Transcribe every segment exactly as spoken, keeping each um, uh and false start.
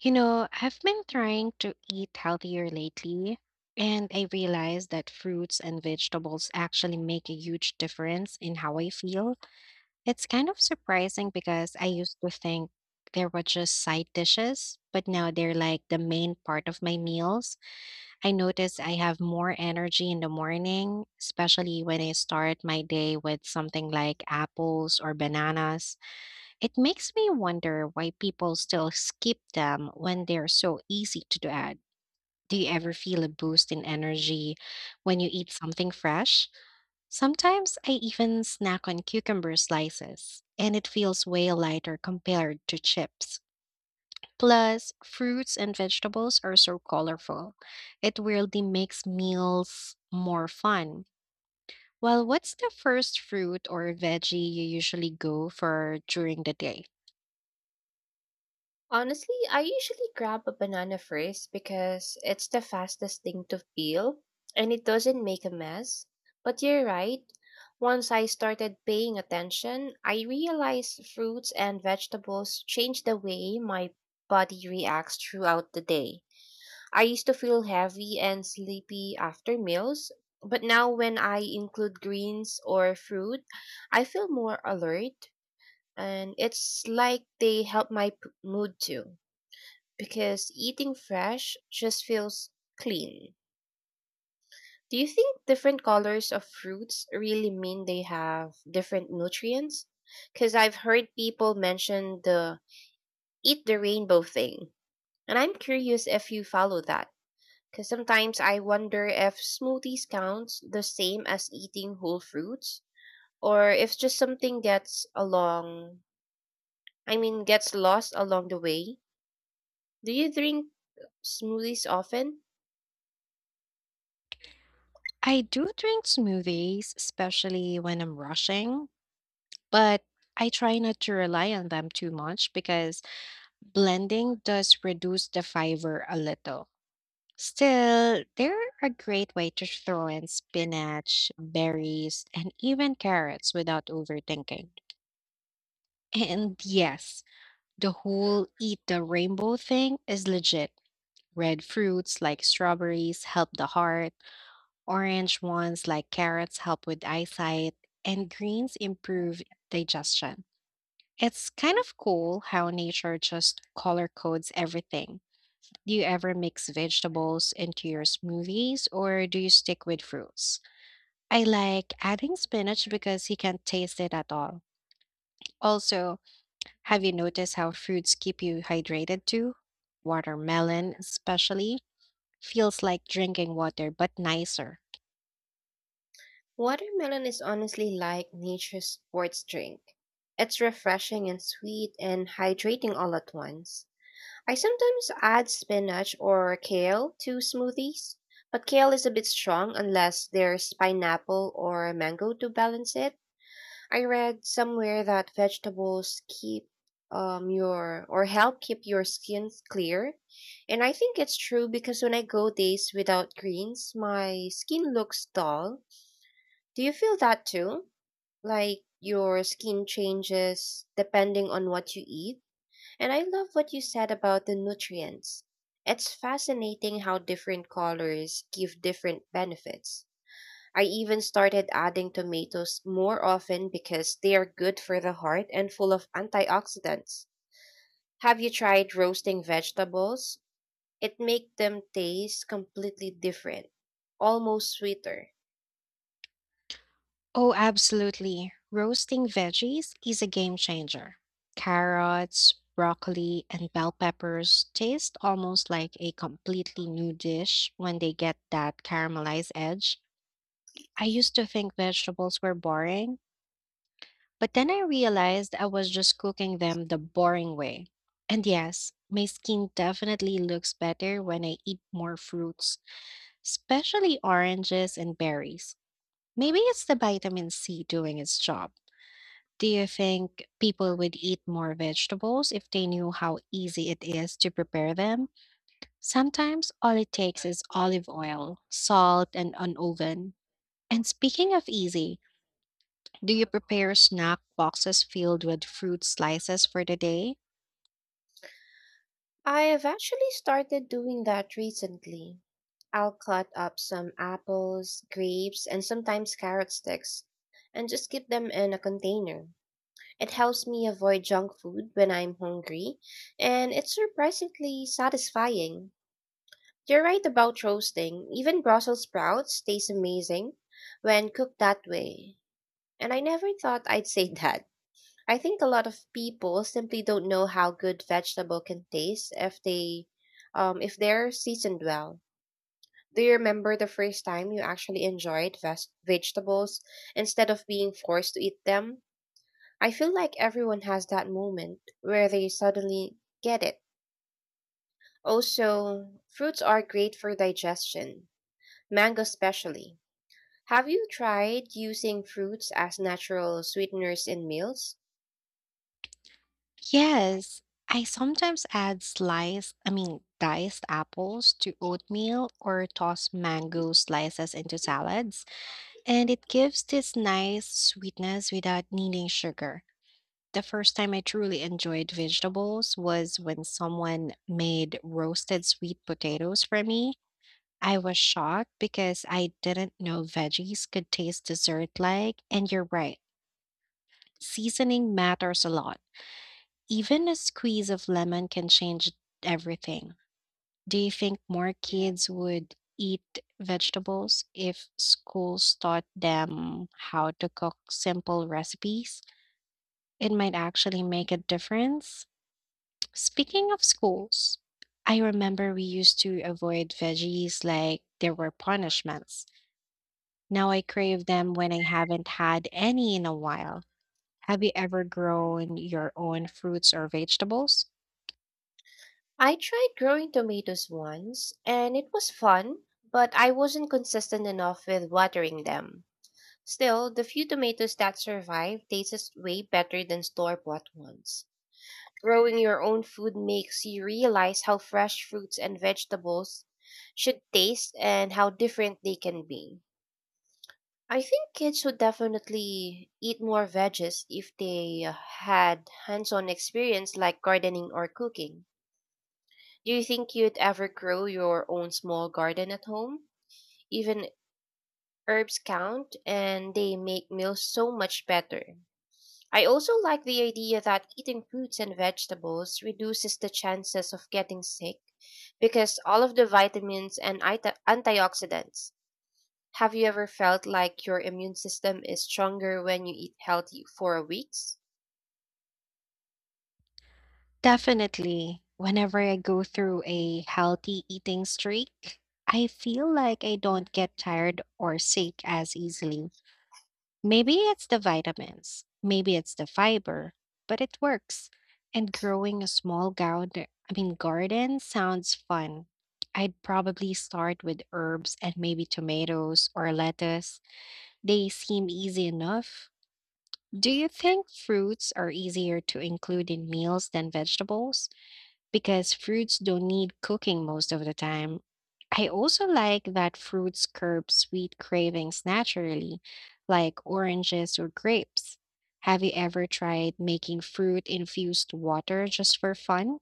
You know, I've been trying to eat healthier lately, and I realized that fruits and vegetables actually make a huge difference in how I feel. It's kind of surprising because I used to think they were just side dishes, but now they're like the main part of my meals. I notice I have more energy in the morning, especially when I start my day with something like apples or bananas. It makes me wonder why people still skip them when they're so easy to add. Do you ever feel a boost in energy when you eat something fresh? Sometimes I even snack on cucumber slices, and it feels way lighter compared to chips. Plus, fruits and vegetables are so colorful. It really makes meals more fun. Well, what's the first fruit or veggie you usually go for during the day? Honestly, I usually grab a banana first because it's the fastest thing to peel and it doesn't make a mess. But you're right. Once I started paying attention, I realized fruits and vegetables change the way my body reacts throughout the day. I used to feel heavy and sleepy after meals, but now when I include greens or fruit, I feel more alert and it's like they help my p- mood too because eating fresh just feels clean. Do you think different colors of fruits really mean they have different nutrients? Because I've heard people mention the eat the rainbow thing, and I'm curious if you follow that. Because sometimes I wonder if smoothies counts the same as eating whole fruits, or if just something gets along, I mean, gets lost along the way. Do you drink smoothies often? I do drink smoothies, especially when I'm rushing, but I try not to rely on them too much because blending does reduce the fiber a little. Still, they're a great way to throw in spinach, berries, and even carrots without overthinking. And yes, the whole eat the rainbow thing is legit. Red fruits like strawberries help the heart. Orange ones like carrots help with eyesight, and greens improve digestion. It's kind of cool how nature just color codes everything. Do you ever mix vegetables into your smoothies or do you stick with fruits? I like adding spinach because you can't taste it at all. Also, have you noticed how fruits keep you hydrated too? Watermelon, especially, feels like drinking water but nicer. Watermelon is honestly like nature's sports drink. It's refreshing and sweet and hydrating all at once. I sometimes add spinach or kale to smoothies, but kale is a bit strong unless there's pineapple or mango to balance it. I read somewhere that vegetables keep um your or help keep your skin clear, and I think it's true because when I go days without greens my skin looks dull. Do you feel that too, like your skin changes depending on what you eat? And I love what you said about the nutrients. It's fascinating how different colors give different benefits. I even started adding tomatoes more often because they are good for the heart and full of antioxidants. Have you tried roasting vegetables? It makes them taste completely different, almost sweeter. Oh, absolutely. Roasting veggies is a game changer. Carrots, broccoli, and bell peppers taste almost like a completely new dish when they get that caramelized edge. I used to think vegetables were boring, but then I realized I was just cooking them the boring way. And yes, my skin definitely looks better when I eat more fruits, especially oranges and berries. Maybe it's the vitamin C doing its job. Do you think people would eat more vegetables if they knew how easy it is to prepare them? Sometimes all it takes is olive oil, salt, and an oven. And speaking of easy, do you prepare snack boxes filled with fruit slices for the day? I have actually started doing that recently. I'll cut up some apples, grapes, and sometimes carrot sticks and just keep them in a container. It helps me avoid junk food when I'm hungry, and it's surprisingly satisfying. You're right about roasting. Even Brussels sprouts taste amazing when cooked that way. And I never thought I'd say that. I think a lot of people simply don't know how good vegetable can taste if they um if they're seasoned well. Do you remember the first time you actually enjoyed ves- vegetables instead of being forced to eat them? I feel like everyone has that moment where they suddenly get it. Also, fruits are great for digestion, mango especially. Have you tried using fruits as natural sweeteners in meals? Yes, I sometimes add sliced, I mean, diced apples to oatmeal or toss mango slices into salads, and it gives this nice sweetness without needing sugar. The first time I truly enjoyed vegetables was when someone made roasted sweet potatoes for me. I was shocked because I didn't know veggies could taste dessert like, and you're right, seasoning matters a lot. Even a squeeze of lemon can change everything. Do you think more kids would eat vegetables if schools taught them how to cook simple recipes? It might actually make a difference. Speaking of schools, I remember we used to avoid veggies like there were punishments. Now I crave them when I haven't had any in a while. Have you ever grown your own fruits or vegetables? I tried growing tomatoes once, and it was fun, but I wasn't consistent enough with watering them. Still, the few tomatoes that survived tasted way better than store bought ones. Growing your own food makes you realize how fresh fruits and vegetables should taste and how different they can be. I think kids would definitely eat more veggies if they uh, had hands on experience like gardening or cooking. Do you think you'd ever grow your own small garden at home? Even herbs count and they make meals so much better. I also like the idea that eating fruits and vegetables reduces the chances of getting sick because all of the vitamins and ita- antioxidants. Have you ever felt like your immune system is stronger when you eat healthy for weeks? Definitely. Whenever I go through a healthy eating streak, I feel like I don't get tired or sick as easily. Maybe it's the vitamins, maybe it's the fiber, but it works. And growing a small garden, I mean garden sounds fun. I'd probably start with herbs and maybe tomatoes or lettuce. They seem easy enough. Do you think fruits are easier to include in meals than vegetables? Because fruits don't need cooking most of the time. I also like that fruits curb sweet cravings naturally, like oranges or grapes. Have you ever tried making fruit infused water just for fun?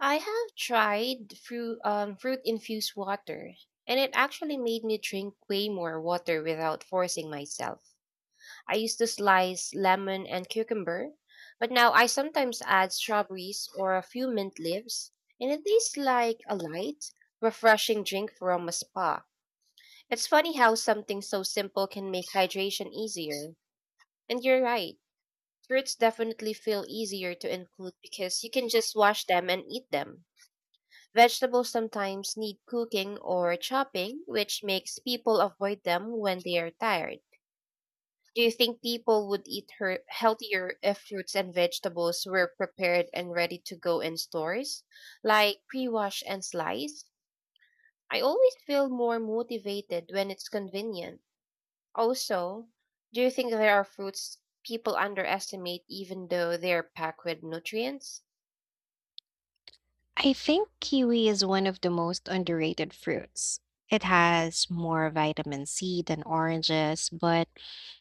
I have tried fruit, um, fruit infused water, and it actually made me drink way more water without forcing myself. I used to slice lemon and cucumber, but now I sometimes add strawberries or a few mint leaves, and it tastes like a light, refreshing drink from a spa. It's funny how something so simple can make hydration easier. And you're right, fruits definitely feel easier to include because you can just wash them and eat them. Vegetables sometimes need cooking or chopping, which makes people avoid them when they are tired. Do you think people would eat her healthier if fruits and vegetables were prepared and ready to go in stores, like pre-washed and sliced? I always feel more motivated when it's convenient. Also, do you think there are fruits people underestimate even though they're packed with nutrients? I think kiwi is one of the most underrated fruits. It has more vitamin C than oranges, but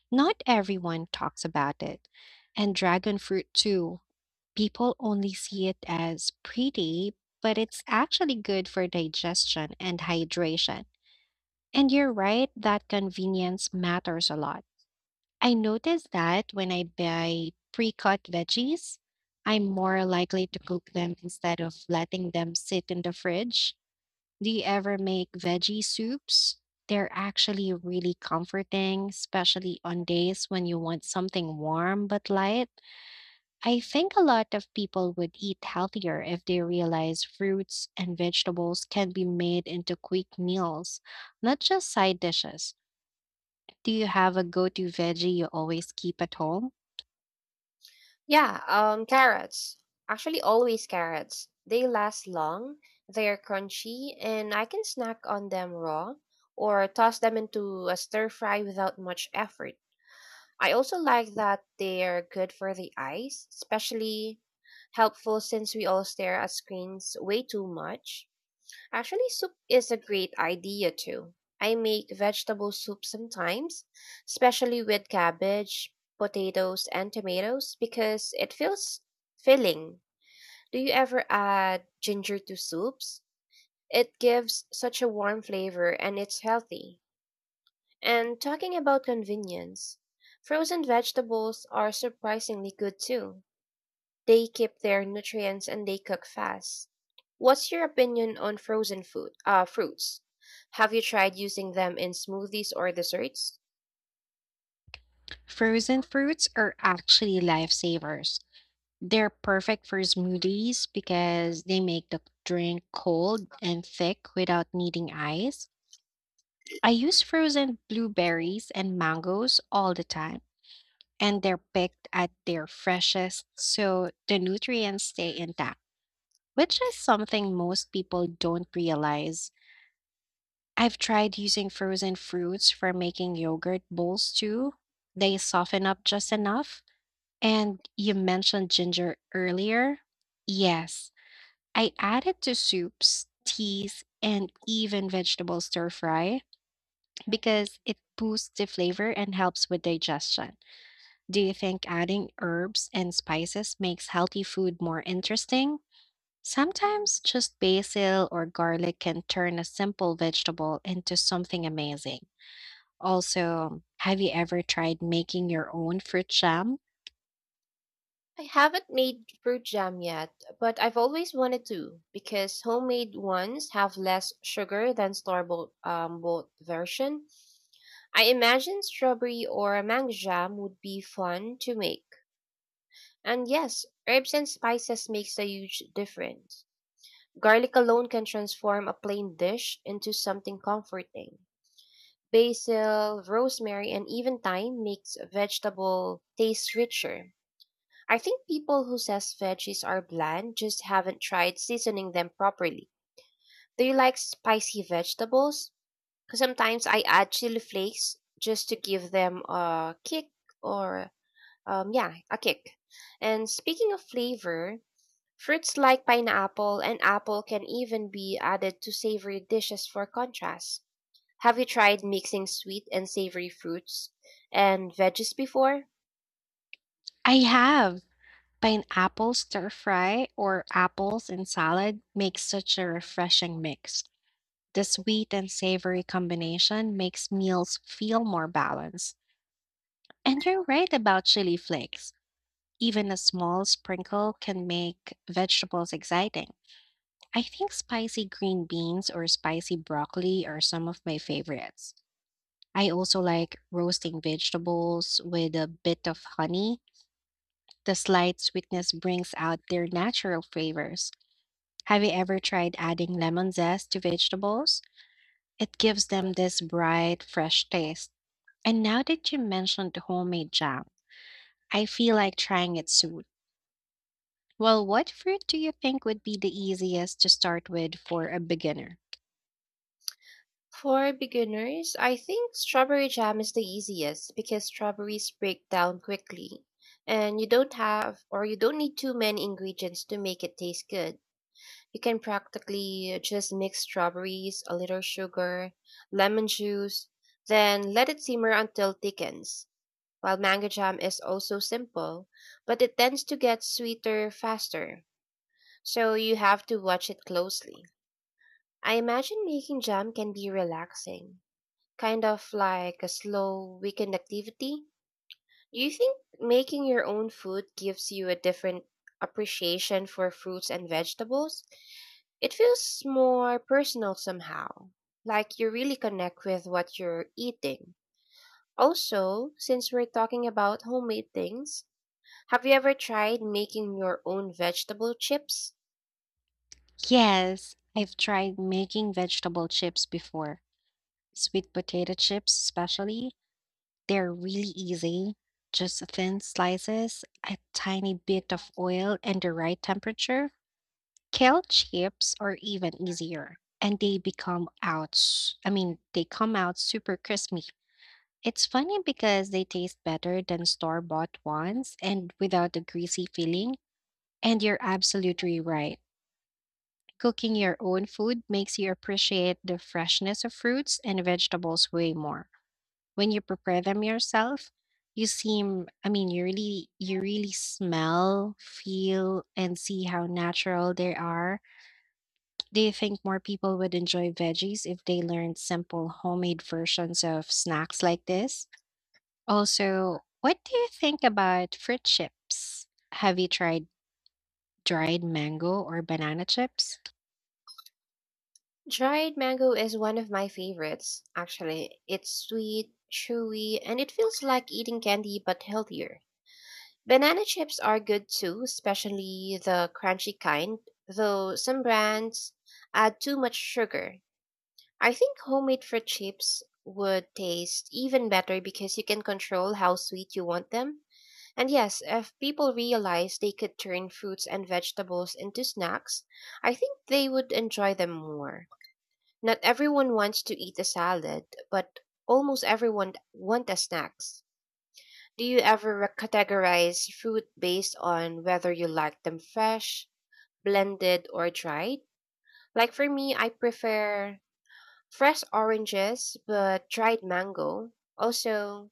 not everyone talks about it. And dragon fruit, too. People only see it as pretty, but it's actually good for digestion and hydration. And you're right that convenience matters a lot. I notice that when I buy pre cut veggies, I'm more likely to cook them instead of letting them sit in the fridge. Do you ever make veggie soups? They're actually really comforting, especially on days when you want something warm but light. I think a lot of people would eat healthier if they realize fruits and vegetables can be made into quick meals, not just side dishes. Do you have a go to veggie you always keep at home? Yeah, um, Carrots. Actually, always carrots. They last long, they're crunchy, and I can snack on them raw or toss them into a stir fry without much effort. I also like that they're good for the eyes, especially helpful since we all stare at screens way too much. Actually, soup is a great idea too. I make vegetable soup sometimes, especially with cabbage, potatoes, and tomatoes because it feels filling. Do you ever add ginger to soups? It gives such a warm flavor and it's healthy. And talking about convenience, frozen vegetables are surprisingly good too. They keep their nutrients and they cook fast. What's your opinion on frozen food, uh, fruits? Have you tried using them in smoothies or desserts? Frozen fruits are actually lifesavers. They're perfect for smoothies because they make the drink cold and thick without needing ice. I use frozen blueberries and mangoes all the time, and they're picked at their freshest, so the nutrients stay intact, which is something most people don't realize. I've tried using frozen fruits for making yogurt bowls too. They soften up just enough. And you mentioned ginger earlier. Yes, I add it to soups, teas, and even vegetable stir fry because it boosts the flavor and helps with digestion. Do you think adding herbs and spices makes healthy food more interesting? Sometimes just basil or garlic can turn a simple vegetable into something amazing. Also, have you ever tried making your own fruit jam? I haven't made fruit jam yet, but I've always wanted to because homemade ones have less sugar than store-bought um, bought version. I imagine strawberry or mango jam would be fun to make. And yes, herbs and spices makes a huge difference. Garlic alone can transform a plain dish into something comforting. Basil, rosemary, and even thyme makes vegetable taste richer. I think people who says veggies are bland just haven't tried seasoning them properly. Do you like spicy vegetables? 'Cause sometimes I add chili flakes just to give them a kick or um yeah, a kick. And speaking of flavor, fruits like pineapple and apple can even be added to savory dishes for contrast. Have you tried mixing sweet and savory fruits and veggies before? I have. Pineapple stir fry or apples and salad makes such a refreshing mix. The sweet and savory combination makes meals feel more balanced. And you're right about chili flakes. Even a small sprinkle can make vegetables exciting. I think spicy green beans or spicy broccoli are some of my favorites. I also like roasting vegetables with a bit of honey. The slight sweetness brings out their natural flavors. Have you ever tried adding lemon zest to vegetables? It gives them this bright, fresh taste. And now that you mentioned homemade jam, I feel like trying it soon. Well, what fruit do you think would be the easiest to start with for a beginner? For beginners, I think strawberry jam is the easiest because strawberries break down quickly and you don't have or you don't need too many ingredients to make it taste good. You can practically just mix strawberries, a little sugar, lemon juice, then let it simmer until thickens. While mango jam is also simple, but it tends to get sweeter faster, so you have to watch it closely. I imagine making jam can be relaxing, kind of like a slow weekend activity. Do you think making your own food gives you a different appreciation for fruits and vegetables? It feels more personal somehow, like you really connect with what you're eating. Also, since we're talking about homemade things, have you ever tried making your own vegetable chips? Yes, I've tried making vegetable chips before. Sweet potato chips, especially. They're really easy. Just thin slices, a tiny bit of oil, and the right temperature. Kale chips are even easier, and they become out, s- I mean, they come out super crispy. It's funny because they taste better than store-bought ones and without the greasy feeling. And you're absolutely right. Cooking your own food makes you appreciate the freshness of fruits and vegetables way more. When you prepare them yourself, you seem, I mean, you really, you really smell, feel, and see how natural they are. Do you think more people would enjoy veggies if they learned simple homemade versions of snacks like this? Also, what do you think about fruit chips? Have you tried dried mango or banana chips? Dried mango is one of my favorites, actually. It's sweet, chewy, and it feels like eating candy but healthier. Banana chips are good too, especially the crunchy kind, though some brands add too much sugar. I think homemade fruit chips would taste even better because you can control how sweet you want them. And yes, if people realized they could turn fruits and vegetables into snacks, I think they would enjoy them more. Not everyone wants to eat a salad, but almost everyone want a snacks. Do you ever re- categorize fruit based on whether you like them fresh, blended, or dried? Like for me, I prefer fresh oranges but dried mango. Also,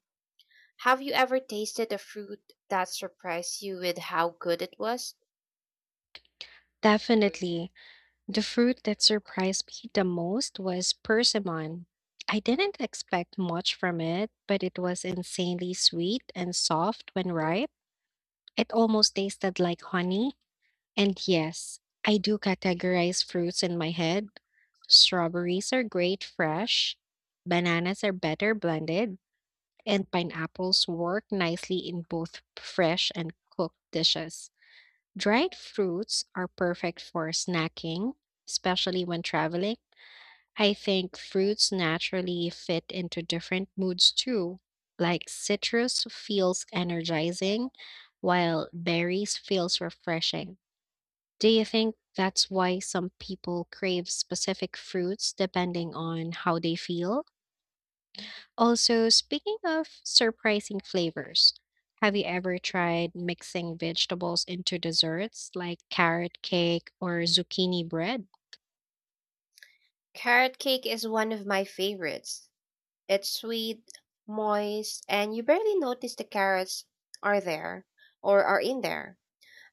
have you ever tasted a fruit that surprised you with how good it was? Definitely. The fruit that surprised me the most was persimmon. I didn't expect much from it, but it was insanely sweet and soft when ripe. It almost tasted like honey. And yes, I do categorize fruits in my head. Strawberries are great fresh, bananas are better blended, and pineapples work nicely in both fresh and cooked dishes. Dried fruits are perfect for snacking, especially when traveling. I think fruits naturally fit into different moods too. Like citrus feels energizing, while berries feels refreshing. Do you think that's why some people crave specific fruits depending on how they feel? Also, speaking of surprising flavors, have you ever tried mixing vegetables into desserts like carrot cake or zucchini bread? Carrot cake is one of my favorites. It's sweet, moist, and you barely notice the carrots are there or are in there.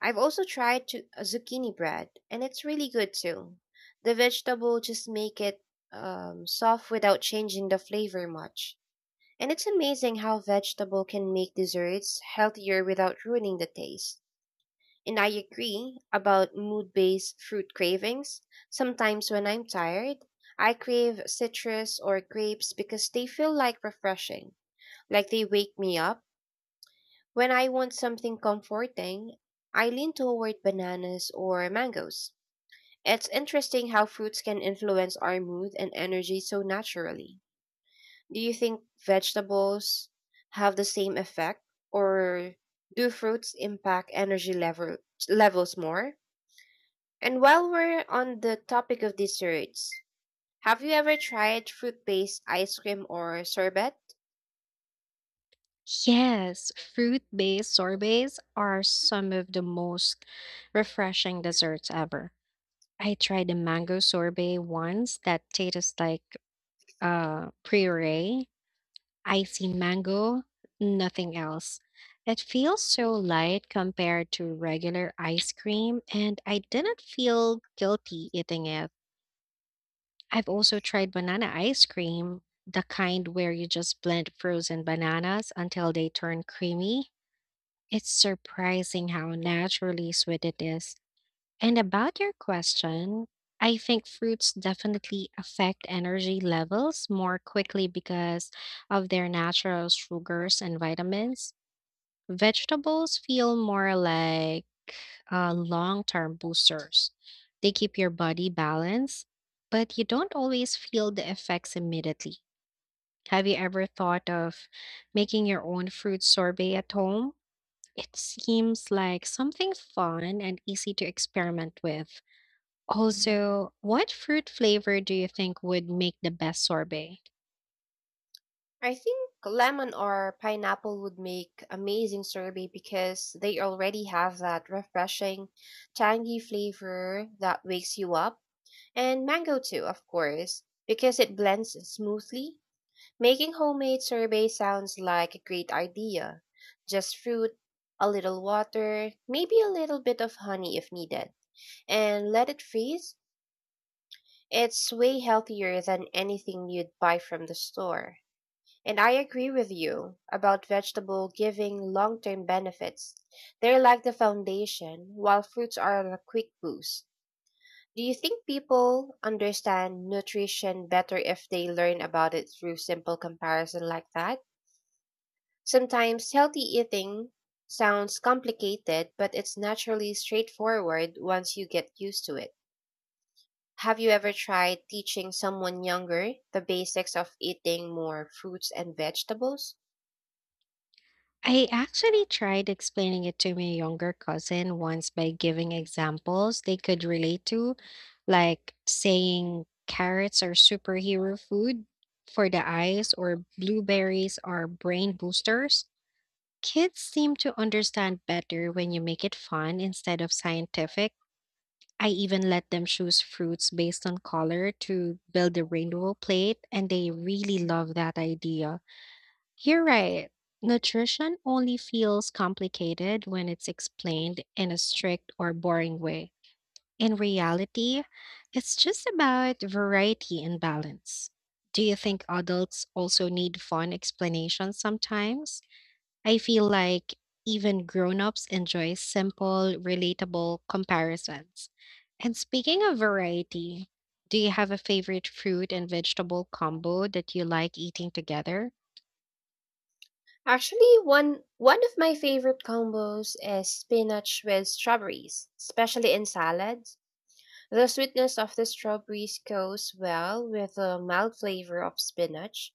I've also tried to, uh, zucchini bread, and it's really good too. The vegetable just make it um, soft without changing the flavor much. And it's amazing how vegetable can make desserts healthier without ruining the taste. And I agree about mood based fruit cravings. Sometimes when I'm tired, I crave citrus or grapes because they feel like refreshing, like they wake me up. When I want something comforting, I lean toward bananas or mangoes. It's interesting how fruits can influence our mood and energy so naturally. Do you think vegetables have the same effect, or do fruits impact energy level, levels more? And while we're on the topic of desserts, have you ever tried fruit-based ice cream or sorbet? Yes, fruit based sorbets are some of the most refreshing desserts ever. I tried a mango sorbet once that tastes like uh, puree Icy mango, nothing else. It feels so light compared to regular ice cream, and I didn't feel guilty eating it. I've also tried banana ice cream, the kind where you just blend frozen bananas until they turn creamy. It's surprising how naturally sweet it is. And about your question, I think fruits definitely affect energy levels more quickly because of their natural sugars and vitamins. Vegetables feel more like uh, long term boosters, they keep your body balanced, but you don't always feel the effects immediately. Have you ever thought of making your own fruit sorbet at home? It seems like something fun and easy to experiment with. Also, what fruit flavor do you think would make the best sorbet? I think lemon or pineapple would make amazing sorbet because they already have that refreshing, tangy flavor that wakes you up. And mango too, of course, because it blends smoothly. Making homemade sorbet sounds like a great idea. Just fruit, a little water, maybe a little bit of honey if needed, and let it freeze. It's way healthier than anything you'd buy from the store. And I agree with you about vegetable giving long term benefits. They're like the foundation, while fruits are a quick boost. Do you think people understand nutrition better if they learn about it through simple comparison like that? Sometimes healthy eating sounds complicated, but it's naturally straightforward once you get used to it. Have you ever tried teaching someone younger the basics of eating more fruits and vegetables? I actually tried explaining it to my younger cousin once by giving examples they could relate to, like saying carrots are superhero food for the eyes or blueberries are brain boosters. Kids seem to understand better when you make it fun instead of scientific. I even let them choose fruits based on color to build a rainbow plate, and they really love that idea. You're right. Nutrition only feels complicated when it's explained in a strict or boring way. In reality, it's just about variety and balance. Do you think adults also need fun explanations sometimes? I feel like even grown-ups enjoy simple, relatable comparisons. And speaking of variety, do you have a favorite fruit and vegetable combo that you like eating together? Actually, one one of my favorite combos is spinach with strawberries, especially in salads. The sweetness of the strawberries goes well with the mild flavor of spinach.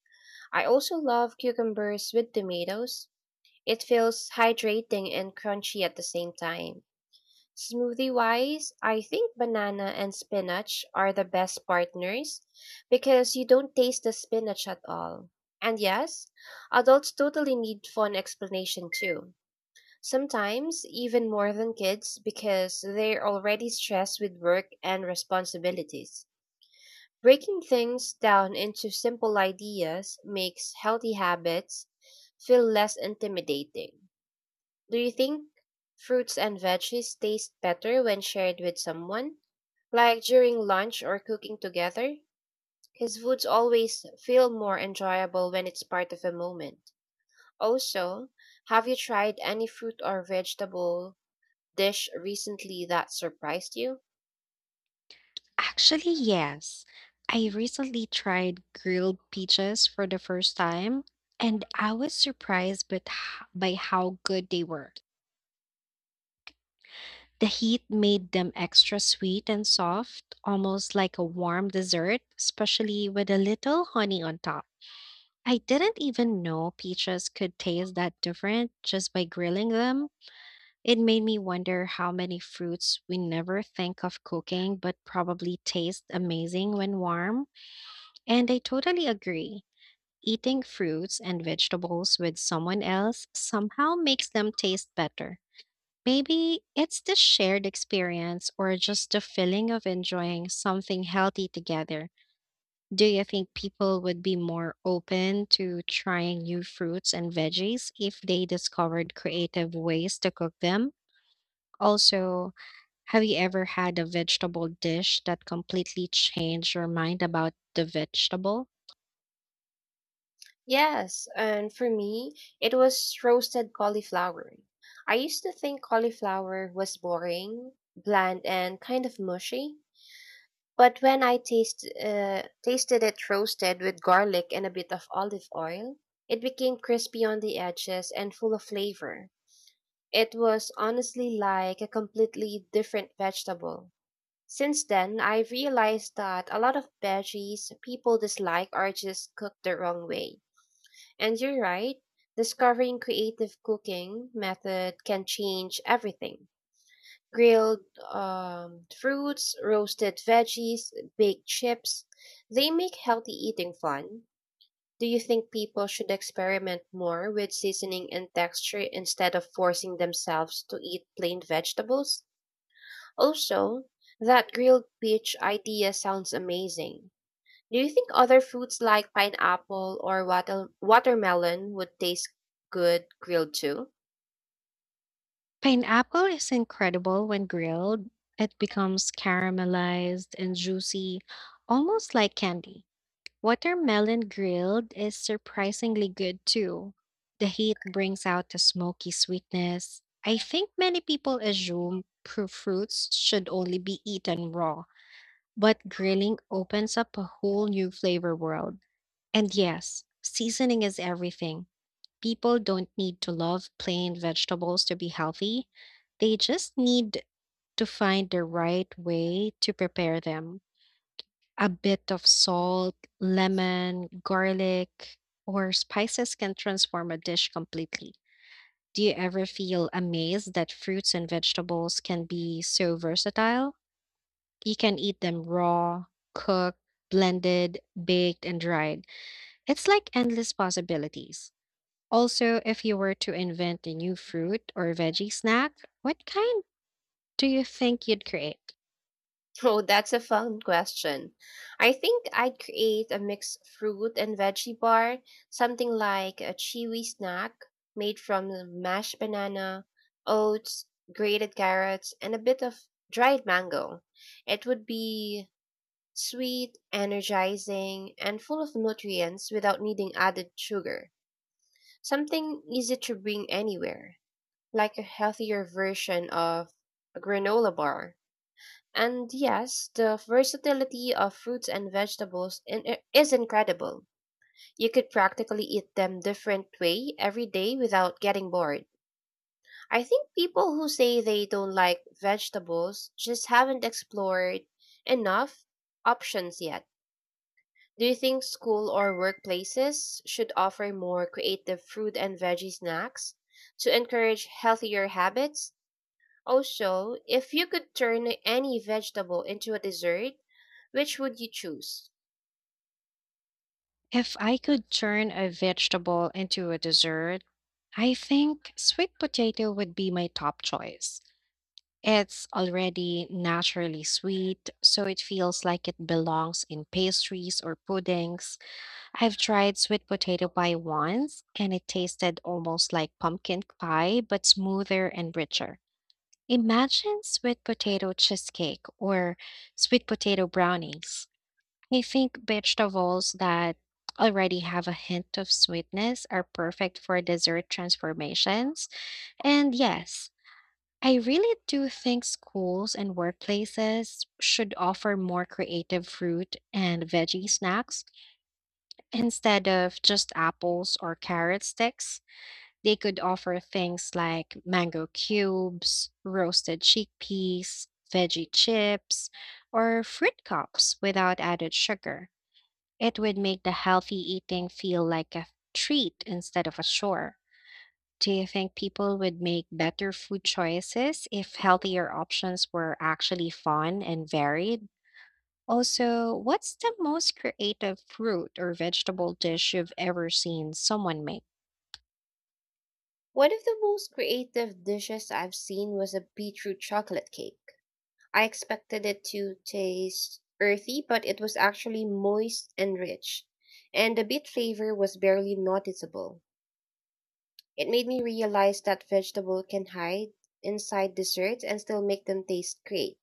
I also love cucumbers with tomatoes. It feels hydrating and crunchy at the same time. Smoothie wise, I think banana and spinach are the best partners because you don't taste the spinach at all. And yes, adults totally need fun explanation too. Sometimes even more than kids because they're already stressed with work and responsibilities. Breaking things down into simple ideas makes healthy habits feel less intimidating. Do you think fruits and veggies taste better when shared with someone? Like during lunch or cooking together? Because foods always feel more enjoyable when it's part of a moment. Also, have you tried any fruit or vegetable dish recently that surprised you? Actually, yes. I recently tried grilled peaches for the first time, and I was surprised but h- by how good they were. The heat made them extra sweet and soft, almost like a warm dessert, especially with a little honey on top. I didn't even know peaches could taste that different just by grilling them. It made me wonder how many fruits we never think of cooking but probably taste amazing when warm. And I totally agree. Eating fruits and vegetables with someone else somehow makes them taste better. Maybe it's the shared experience or just the feeling of enjoying something healthy together. Do you think people would be more open to trying new fruits and veggies if they discovered creative ways to cook them? Also, have you ever had a vegetable dish that completely changed your mind about the vegetable? Yes, and for me, it was roasted cauliflower. I used to think cauliflower was boring, bland, and kind of mushy. But when I taste, uh, tasted it roasted with garlic and a bit of olive oil, it became crispy on the edges and full of flavor. It was honestly like a completely different vegetable. Since then, I realized that a lot of veggies people dislike are just cooked the wrong way. And you're right, discovering creative cooking method can change everything: grilled um, fruits, roasted veggies, baked chips. They make healthy eating fun. Do you think people should experiment more with seasoning and texture instead of forcing themselves to eat plain vegetables? Also, that grilled peach idea sounds amazing. Do you think other fruits like pineapple or water- watermelon would taste good grilled too? Pineapple is incredible when grilled. It becomes caramelized and juicy, almost like candy. Watermelon grilled is surprisingly good too. The heat brings out the smoky sweetness. I think many people assume pr- fruits should only be eaten raw, but grilling opens up a whole new flavor world. And yes, seasoning is everything. People don't need to love plain vegetables to be healthy, they just need to find the right way to prepare them. A bit of salt, lemon, garlic, or spices can transform a dish completely. Do you ever feel amazed that fruits and vegetables can be so versatile? You can eat them raw, cooked, blended, baked, and dried. It's like endless possibilities. Also, if you were to invent a new fruit or veggie snack, what kind do you think you'd create? Oh, that's a fun question. I think I'd create a mixed fruit and veggie bar, something like a chewy snack made from the mashed banana, oats, grated carrots, and a bit of dried mango. It would be sweet, energizing, and full of nutrients without needing added sugar. Something easy to bring anywhere, like a healthier version of a granola bar. And yes, the versatility of fruits and vegetables in- i- is incredible. You could practically eat them different way every day without getting bored. I think people who say they don't like vegetables just haven't explored enough options yet. Do you think school or workplaces should offer more creative fruit and veggie snacks to encourage healthier habits? Also, if you could turn any vegetable into a dessert, which would you choose? If I could turn a vegetable into a dessert, I think sweet potato would be my top choice. It's already naturally sweet, so it feels like it belongs in pastries or puddings. I've tried sweet potato pie once, and it tasted almost like pumpkin pie, but smoother and richer. Imagine sweet potato cheesecake or sweet potato brownies. I think vegetables that already have a hint of sweetness are perfect for dessert transformations. And yes, I really do think schools and workplaces should offer more creative fruit and veggie snacks instead of just apples or carrot sticks. They could offer things like mango cubes, roasted chickpeas, veggie chips, or fruit cups without added sugar. It would make the healthy eating feel like a treat instead of a chore. Do you think people would make better food choices if healthier options were actually fun and varied? Also, what's the most creative fruit or vegetable dish you've ever seen someone make? One of the most creative dishes I've seen was a beetroot chocolate cake. I expected it to taste earthy, but it was actually moist and rich, and the beet flavor was barely noticeable. It made me realize that vegetable can hide inside desserts and still make them taste great.